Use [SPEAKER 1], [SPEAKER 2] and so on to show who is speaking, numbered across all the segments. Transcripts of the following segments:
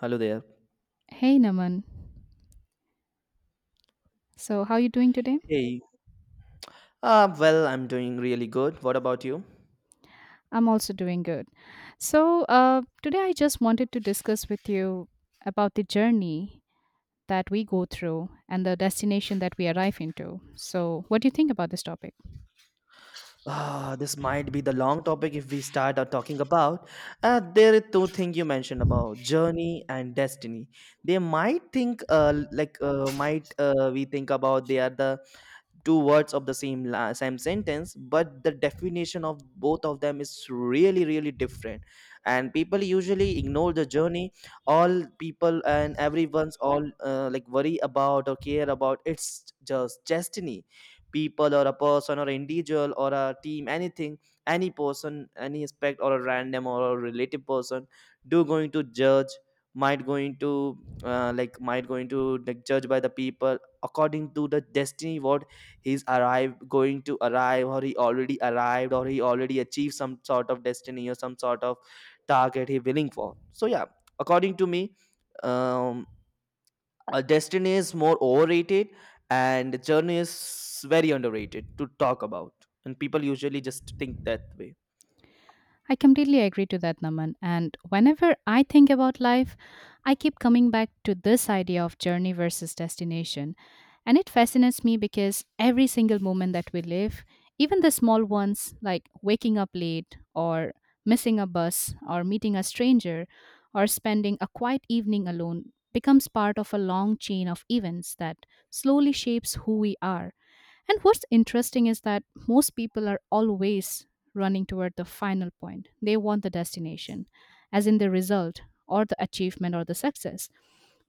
[SPEAKER 1] Hello there.
[SPEAKER 2] Hey Naman. So, how are you doing today?
[SPEAKER 1] Hey. I'm doing really good. What about you?
[SPEAKER 2] I'm also doing good. So, today I just wanted to discuss with you about the journey that we go through and the destination that we arrive into. So, what do you think about this topic?
[SPEAKER 1] Ah, this might be the long topic if we start out talking about. There are two things you mentioned about journey and destiny. They might think, like, might we think about they are the two words of the same same sentence, but the definition of both of them is really really different, and people usually ignore the journey. All people and everyone's all like worry about or care about it's just destiny. People or a person or individual or a team, anything, any person, any aspect, or a random or a relative person do going to judge, might going to might going to like judge by the people according to the destiny what he's arrive going to arrive, or he already arrived, or he already achieved some sort of destiny or some sort of target he willing for. So yeah, according to me, um a destiny is more overrated and journey is very underrated to talk about, and people usually just think that way.
[SPEAKER 2] I completely agree to that, Naman. And whenever I think about life, I keep coming back to this idea of journey versus destination. And it fascinates me because every single moment that we live, even the small ones like waking up late or missing a bus or meeting a stranger or spending a quiet evening alone becomes part of a long chain of events that slowly shapes who we are. And what's interesting is that most people are always running toward the final point. They want the destination, as in the result or the achievement or the success.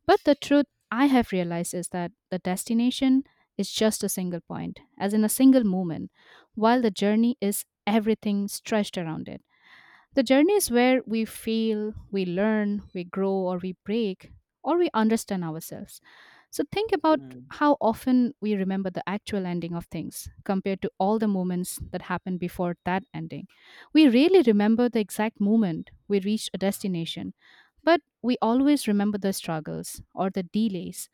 [SPEAKER 2] But the truth I have realized is that the destination is just a single point, as in a single moment, while the journey is everything stretched around it. The journey is where we fail, we learn, we grow, or we break, or we understand ourselves. So think about
[SPEAKER 1] Hmm.
[SPEAKER 2] how often we remember the actual ending of things compared to all the moments that happened before that ending. We rarely remember the exact moment we reached a destination, but we always remember the struggles or the delays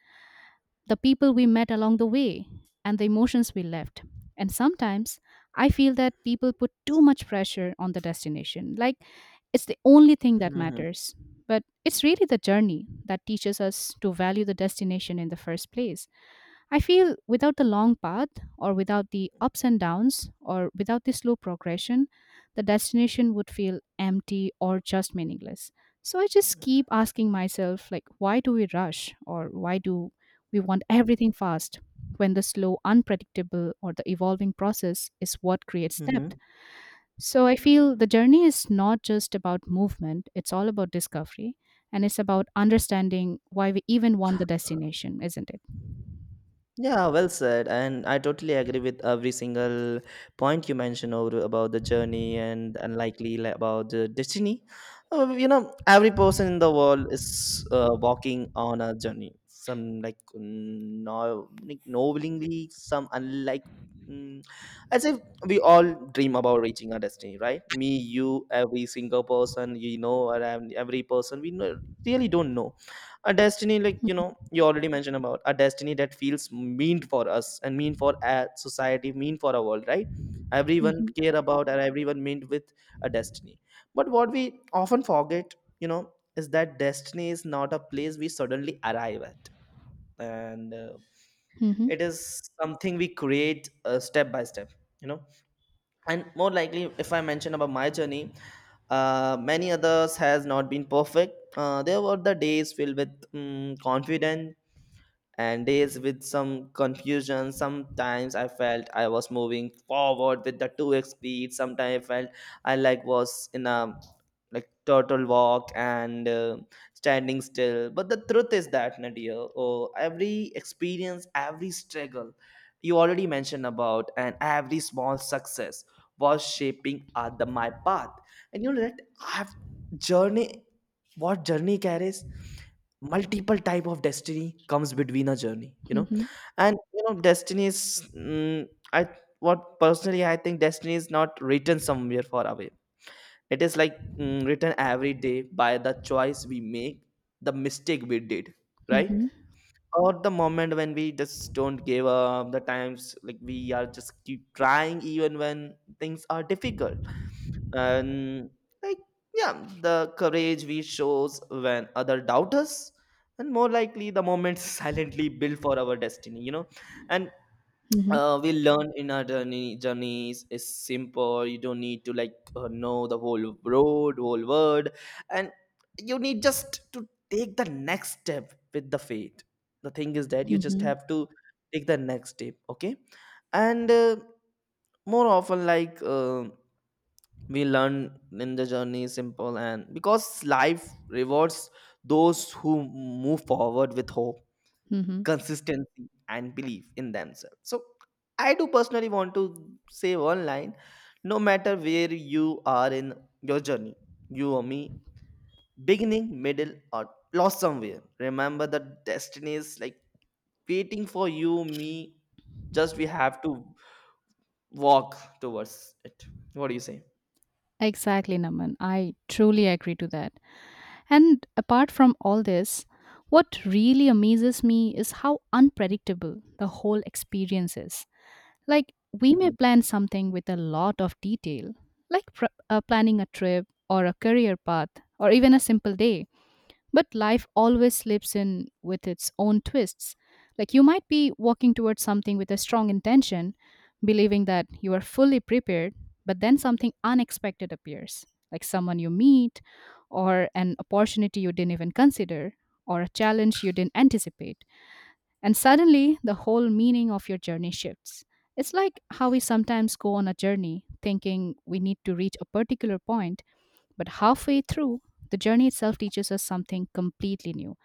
[SPEAKER 2] the people we met along the way, and the emotions we left. And sometimes I feel that people put too much pressure on the destination, like it's the only thing that
[SPEAKER 1] Hmm.
[SPEAKER 2] matters. But it's really the journey that teaches us to value the destination in the first place. I feel without the long path, or without the ups and downs, or without the slow progression, the destination would feel empty or just meaningless. So I just keep asking myself, like, why do we rush, or why do we want everything fast when the slow, unpredictable, or the evolving process is what creates depth?
[SPEAKER 1] Hmm.
[SPEAKER 2] So I feel the journey is not just about movement, it's all about discovery. And it's about understanding why we even want the destination, isn't it?
[SPEAKER 1] Yeah, well said. And I totally agree with every single point you mentioned over about the journey and unlikely about the destiny. You know, every person in the world is walking on a journey. Some like no, like knowingly, some unlike. Mm, as if we all dream about reaching our destiny, right? Me, you, every single person you know, or every person we know, really don't know a destiny. Like, you know, you already mentioned about a destiny that feels mean for us and mean for a society, mean for our world, right? Everyone
[SPEAKER 2] Mm-hmm.
[SPEAKER 1] care about and everyone meant with a destiny. But what we often forget, you know, is that destiny is not a place we suddenly arrive at, and it is something we create step by step, you know. And more likely, if I mention about my journey, many others has not been perfect. There were the days filled with mm confidence and days with some confusion. Sometimes I felt I was moving forward with the 2x speed. Sometimes I felt I like was in a like turtle walk and, standing still. But the truth is that nadia oh, every experience, every struggle you already mentioned about, and every small success was shaping my path. And you know that I've journey, what journey carries multiple type of destiny comes between a journey, you know.
[SPEAKER 2] Mhm,
[SPEAKER 1] And you know destiny is, mm, I what personally I think, destiny is not written somewhere far away. It is like written every day by the choice we make, the mistake we did, right?
[SPEAKER 2] mhm,
[SPEAKER 1] Or the moment when we just don't give up, the times like we are just keep trying even when things are difficult. And, like, yeah, the courage we shows when other doubt us, and more likely the moments silently built for our destiny, you know. And
[SPEAKER 2] mhm,
[SPEAKER 1] we learn in our journeys is simple. You don't need to like know the whole road, whole world, and you need just to take the next step with the faith. The thing is that you just
[SPEAKER 2] mhm,
[SPEAKER 1] have to take the next step, okay. And more often like we learn in the journey simple, and because life rewards those who move forward with hope,
[SPEAKER 2] mhm.
[SPEAKER 1] consistency, and belief in themselves. So I do personally want to say one line: no matter where you are in your journey, you or me, beginning, middle, or lost somewhere, remember that destiny is like waiting for you, me, just we have to walk towards it. What do you
[SPEAKER 2] Exactly, Naman. I truly agree to that. And apart from all this, what really amazes me is how unpredictable the whole experience is. Like, we
[SPEAKER 1] say?
[SPEAKER 2] may plan something with a lot of detail, like planning a trip or a career path or even a simple day. But life always slips in with its own twists. Like you might be walking towards something with a strong intention, believing that you are fully prepared, but then something unexpected appears, like someone you meet, or an opportunity you didn't even consider, or a challenge you didn't anticipate. And suddenly, the whole meaning of your journey shifts. It's like how we sometimes go on a journey thinking we need to reach a particular point but halfway through, the journey itself teaches us something completely new,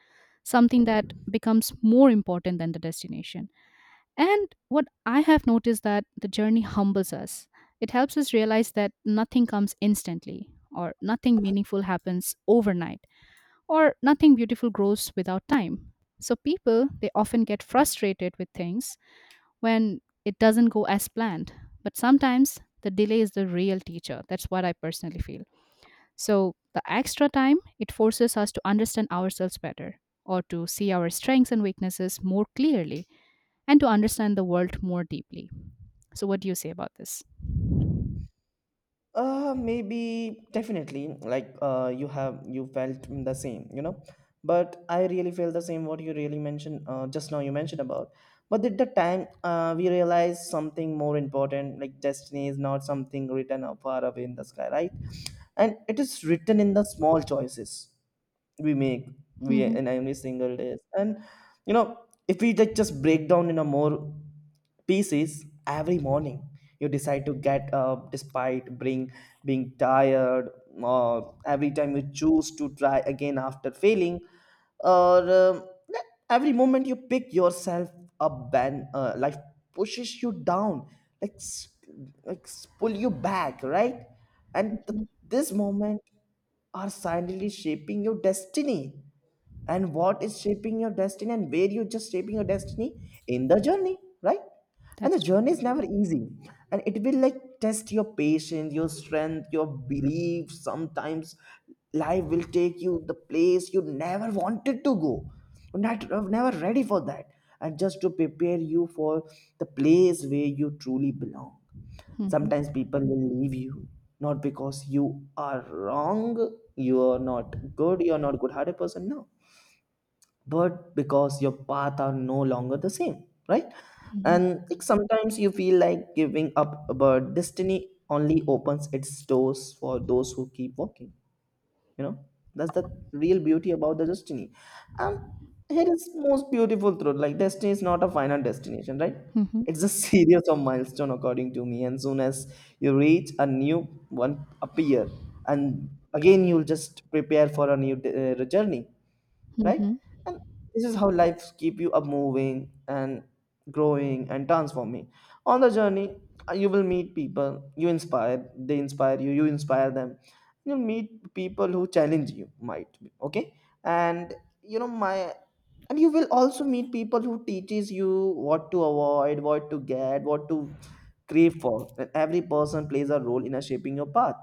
[SPEAKER 2] something that becomes more important than the destination. And what I have noticed that the journey humbles us. It helps us realize that nothing comes instantly or nothing meaningful happens overnight or nothing beautiful grows without time. So people, they often get frustrated with things when it doesn't go as planned. But sometimes the delay is the real teacher. That's what I personally feel. So, the extra time it forces us to understand ourselves better or to see our strengths and weaknesses more clearly and to understand the world more deeply. So, what do you say about this?
[SPEAKER 1] Maybe definitely, like, you have you felt the same, you know, but I really feel the same what you really mentioned. Just now you mentioned about, but at the time, we realize something more important: like destiny is not something written up far away in the sky, right? And it is written in the small choices we make, we
[SPEAKER 2] Hmm.
[SPEAKER 1] in every single day. And, you know, if we like just break down in a more pieces, every morning you decide to get up despite being tired, or every time you choose to try again after failing, or every moment you pick yourself up and life pushes you down, like pull you back, right? And
[SPEAKER 2] Hmm.
[SPEAKER 1] this moment are silently shaping your destiny. And what is shaping your destiny, and where you're just shaping your destiny in the journey, right? And the
[SPEAKER 2] That's true.
[SPEAKER 1] journey is never easy. And it will like test your patience, your strength, your belief. Sometimes life will take you the place you never wanted to go. You're never ready for that. And just to prepare you for the place where you truly belong.
[SPEAKER 2] Hmm.
[SPEAKER 1] Sometimes people will leave you not because you are wrong, you are not good, you are not good-hearted person, no, but because your path are no longer the same, right?
[SPEAKER 2] Hmm.
[SPEAKER 1] And like, sometimes you feel like giving up, but destiny only opens its doors for those who keep walking, you know. That's the real beauty about the destiny. And here is most beautiful truth: like destiny is not a final destination, right?
[SPEAKER 2] Hmm.
[SPEAKER 1] It's a series of milestone, according to me, and soon as you reach a new one appear, and again you'll just prepare for a new journey,
[SPEAKER 2] Hmm.
[SPEAKER 1] right?
[SPEAKER 2] Hmm.
[SPEAKER 1] And this is how lives keep you up moving and growing and transforming on the journey. You will meet people you inspire, they inspire you, you inspire them. You'll meet people who challenge you, might be okay. And you know my and you will also meet people who teaches you what to avoid, what to get, what to crave for. And every person plays a role in a shaping your path.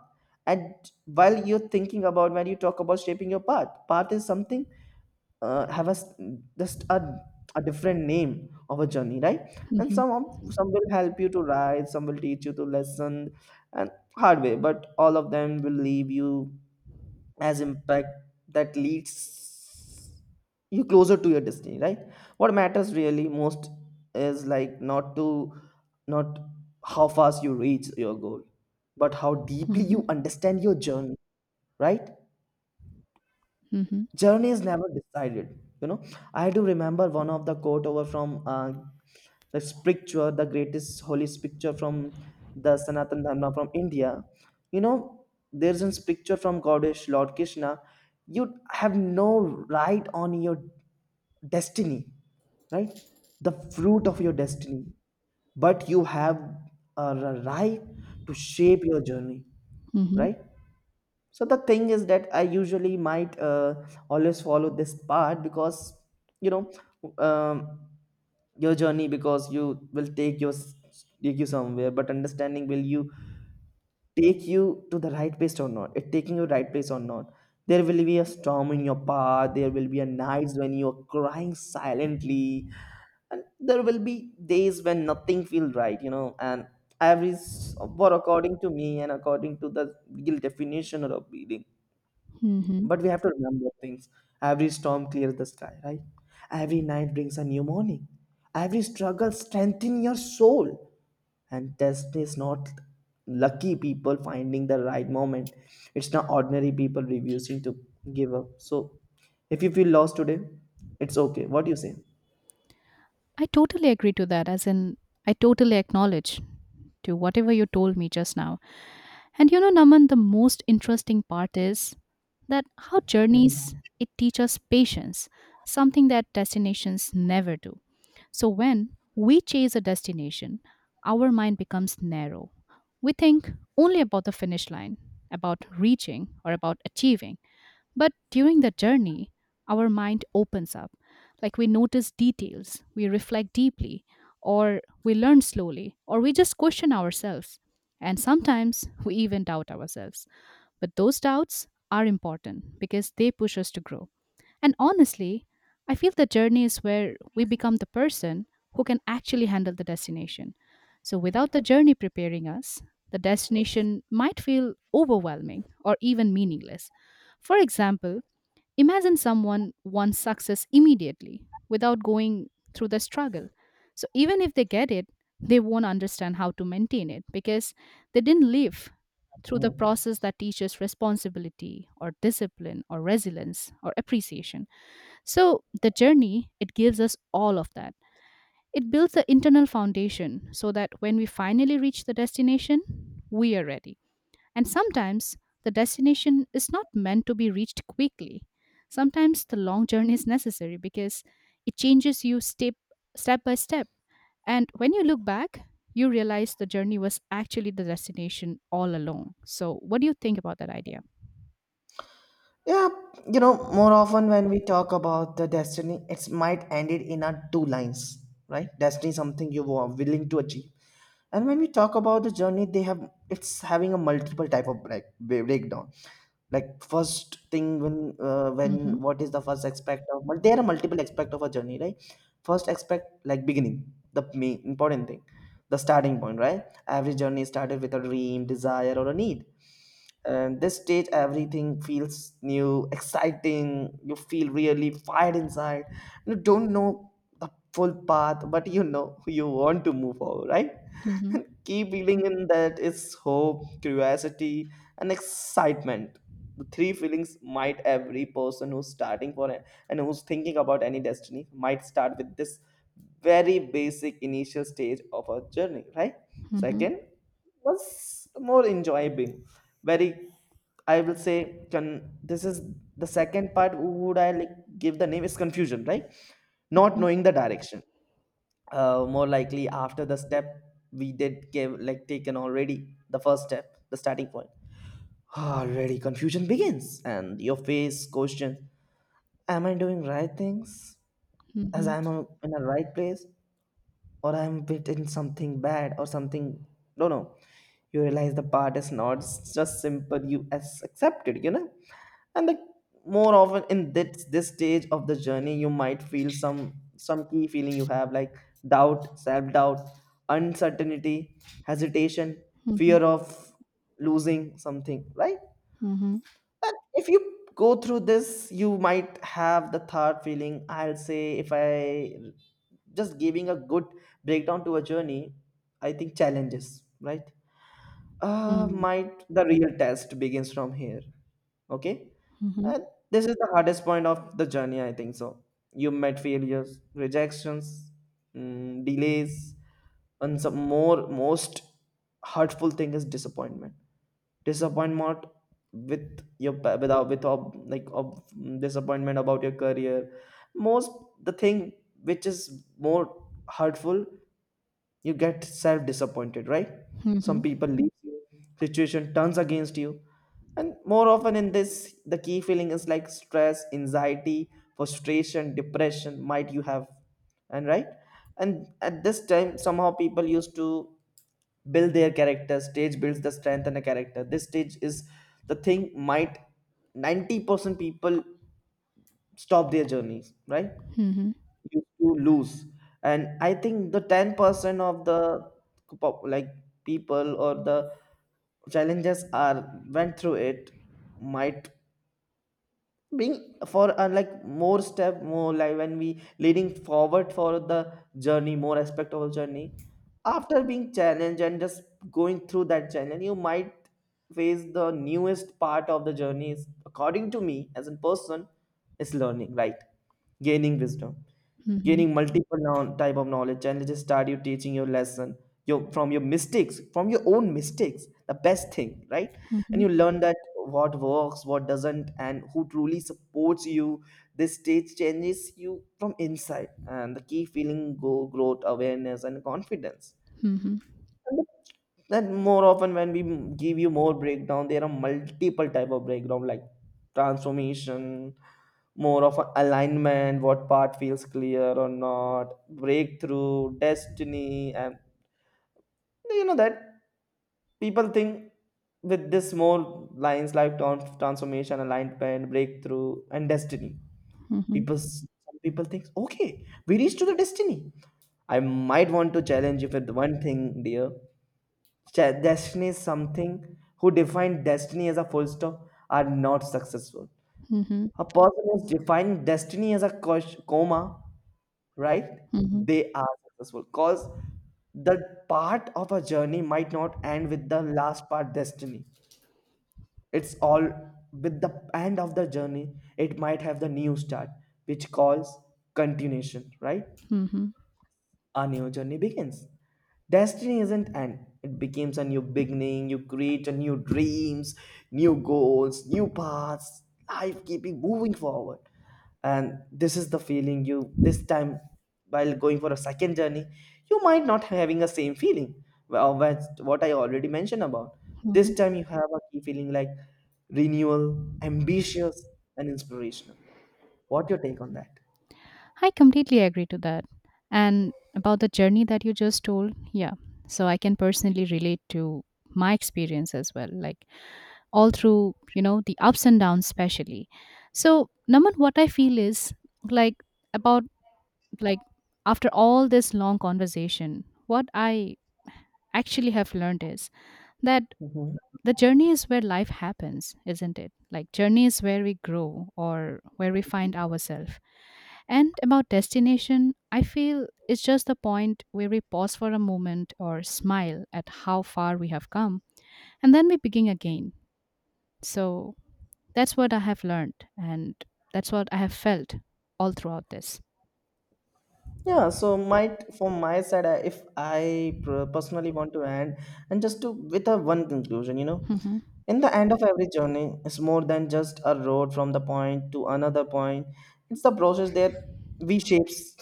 [SPEAKER 1] And while you're thinking about, when you talk about shaping your path, path is something have a s- just a different name of a journey, right? And some will help you to ride, some will teach you to lesson and hard way, but all of them will leave you as impact that leads you closer to your destiny, right? What matters really most is like not how fast you reach your goal, but how deeply
[SPEAKER 2] Hmm.
[SPEAKER 1] you understand your journey, right?
[SPEAKER 2] Hmm.
[SPEAKER 1] Journey is never decided, you know. I do remember one of the quote over from the scripture, the greatest holy scripture from the sanatan dharma from India, you know. There's a scripture from goddess lord Krishna: you have no right on your destiny, right, the fruit of your destiny, but you have a right to shape your journey,
[SPEAKER 2] Hmm.
[SPEAKER 1] right? So the thing is that I usually might always follow this part. Because, you know, um, your journey, because you will take your take you somewhere, but understanding will you take you to the right place or not? It taking you right place or not? There will be a storm in your path. There will be a nights when you are crying silently, and there will be days when nothing feels right. You know, and for according to me and according to the real definition of reading,
[SPEAKER 2] Hmm.
[SPEAKER 1] but we have to remember things. Every storm clears the sky, right? Every night brings a new morning. Every struggle strengthens your soul. And test is not lucky people finding the right moment. It's not ordinary people refusing to give up. So if you feel lost today, it's okay. What do you say?
[SPEAKER 2] I totally agree to that, as in, I totally acknowledge to whatever you told me just now. And you know, Naman, the most interesting part is that how journeys
[SPEAKER 1] Mhm.
[SPEAKER 2] it teach us patience, something that destinations never do. So when we chase a destination, our mind becomes narrow. We think only about the finish line, about reaching or about achieving. But during the journey, our mind opens up. Like we notice details, we reflect deeply, or we learn slowly, or we just question ourselves. And sometimes we even doubt ourselves. But those doubts are important because they push us to grow. And honestly, I feel the journey is where we become the person who can actually handle the destination. So without the journey preparing us, the destination might feel overwhelming or even meaningless. For example, imagine someone wants success immediately without going through the struggle. So even if they get it, they won't understand how to maintain it because they didn't live through the
[SPEAKER 1] Mhm.
[SPEAKER 2] process that teaches responsibility or discipline or resilience or appreciation. So the journey, it gives us all of that. It builds the internal foundation so that when we finally reach the destination, we are ready. And sometimes the destination is not meant to be reached quickly. Sometimes the long journey is necessary because it changes you step by step. And when you look back, you realize the journey was actually the destination all along. So, what do you think about that idea?
[SPEAKER 1] Yeah, you know, more often when we talk about the destiny, it's might end it in a two lines, right? Destiny is something you are willing to achieve, and when we talk about the journey they have, it's having a multiple type of break, breakdown. Like first thing when
[SPEAKER 2] Mm-hmm.
[SPEAKER 1] what is the first aspect of, but there are multiple aspect of a journey, right? First aspect, like beginning, the main important thing, the starting point, right? Every journey started with a dream, desire, or a need, and this stage everything feels new, exciting. You feel really fired inside. You don't know the full path, but you know you want to move forward, right?
[SPEAKER 2] Mm-hmm.
[SPEAKER 1] Key feeling in that is hope, curiosity, and excitement. The three feelings might every person who's starting for it and who's thinking about any destiny might start with this very basic initial stage of a journey, right?
[SPEAKER 2] Mm-hmm.
[SPEAKER 1] Second was more enjoyable. Very, I will say can this is the second part, would I like give the name is confusion, right? Not knowing the direction, more likely after the step we did give like taken already the first step, the starting point, already confusion begins and your face questions. Am I doing right things, as
[SPEAKER 2] Mm-hmm.
[SPEAKER 1] I'm in the right place, or I'm written something bad or something. No, no. You realize the part is not just simple. You as accepted, you know. And the more often in this stage of the journey, you might feel some key feeling you have, like doubt, self doubt, uncertainty, hesitation, fear
[SPEAKER 2] Mm-hmm.
[SPEAKER 1] of losing something, right?
[SPEAKER 2] Mm-hmm.
[SPEAKER 1] But if you go through this, you might have the third feeling. I'll say if I just giving a good breakdown to a journey, I think challenges, right?
[SPEAKER 2] Mm-hmm.
[SPEAKER 1] Might the real test begins from here. Okay. And this is the hardest point of the journey, I think so. You met failures, rejections, delays, and some more most hurtful thing is disappointment, disappointment without with ob, like ob, disappointment about your career. Most the thing which is more hurtful, you get self disappointed, right?
[SPEAKER 2] Mm-hmm.
[SPEAKER 1] Some
[SPEAKER 2] Mm-hmm.
[SPEAKER 1] people leave you, situation turns against you, and more often in this the key feeling is like stress, anxiety, frustration, depression might you have, and right. And at this time somehow people used to build their character stage, builds the strength and a character. This stage is the thing might 90% people stop their journeys, right?
[SPEAKER 2] Mm-hmm. Mm-hmm.
[SPEAKER 1] Used to lose. And I think the 10% of the like people or the challenges are went through it might being for like more step, more like when we leading forward for the journey, more aspect of the journey. After being challenged and just going through that challenge, you might face the newest part of the journey is, according to me as a person, is learning, right? Gaining wisdom, gaining multiple now type of knowledge. Challenges start you teaching your lesson, your from your mistakes, from your own mistakes, the best thing, right? And you learn that what works, what doesn't, and who truly supports you. This stage changes you from inside, and the key feeling go growth, awareness, and confidence.
[SPEAKER 2] Mm-hmm.
[SPEAKER 1] Then more often when we give you more breakdown, there are multiple type of breakdown like transformation, more of a alignment, what part feels clear or not, breakthrough, destiny. And you know that people think with this more lines like transformation, alignment, breakthrough, and destiny.
[SPEAKER 2] Mm-hmm.
[SPEAKER 1] People, some people think, okay, we reached to the destiny. I might want to challenge you with one thing, dear. Destiny is something. Who define destiny as a full stop are not successful.
[SPEAKER 2] Mm-hmm.
[SPEAKER 1] A person who's defined destiny as a comma, right? They are successful, because the part of a journey might not end with the last part destiny. It's all with the end of the journey, it might have the new start, which calls continuation, right?
[SPEAKER 2] Mm-hmm.
[SPEAKER 1] A new journey begins. Destiny isn't end. It becomes a new beginning. You create a new dreams, new goals, new paths. Life keeping moving forward. And this is the feeling you this time while going for a second journey, you might not having a same feeling. Well, that's what I already mentioned about. This
[SPEAKER 2] Mm-hmm.
[SPEAKER 1] time you have a key feeling like renewal, ambitious, and inspirational. What your take on that?
[SPEAKER 2] I completely agree to that. And about the journey that you just told, yeah. So I can personally relate to my experience as well, like all through, you know, the ups and downs, especially. So, Naman, what I feel is like about like after all this long conversation, what I actually have learned is that
[SPEAKER 1] Mhm.
[SPEAKER 2] the journey is where life happens, isn't it? Like, journey is where we grow or where we find ourselves. And about destination, I feel it's just the point where we pause for a moment or smile at how far we have come, and then we begin again. So that's what I have learned, and that's what I have felt all throughout this.
[SPEAKER 1] Yeah, so my from my side, if I personally want to end, and just to with a one conclusion, you know,
[SPEAKER 2] Hmm.
[SPEAKER 1] in the end of every journey, it's more than just a road from the point to another point. It's the process that we shapes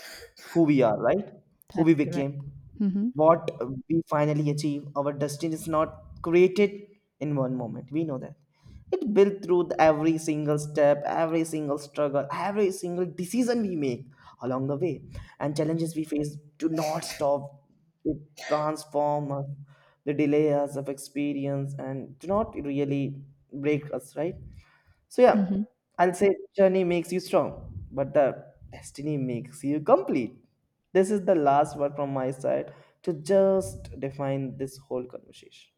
[SPEAKER 1] who we are, right? Who we
[SPEAKER 2] That's correct.
[SPEAKER 1] became,
[SPEAKER 2] Hmm.
[SPEAKER 1] what we finally achieve. Our destiny is not created in one moment. We know that. It built through every single step, every single struggle, every single decision we make along the way. And challenges we face do not stop. They transform us, they delay us of experience and do not really break us, right? So yeah,
[SPEAKER 2] Hmm.
[SPEAKER 1] I'll say journey makes you strong, but the destiny makes you complete. This is the last word from my side to just define this whole conversation.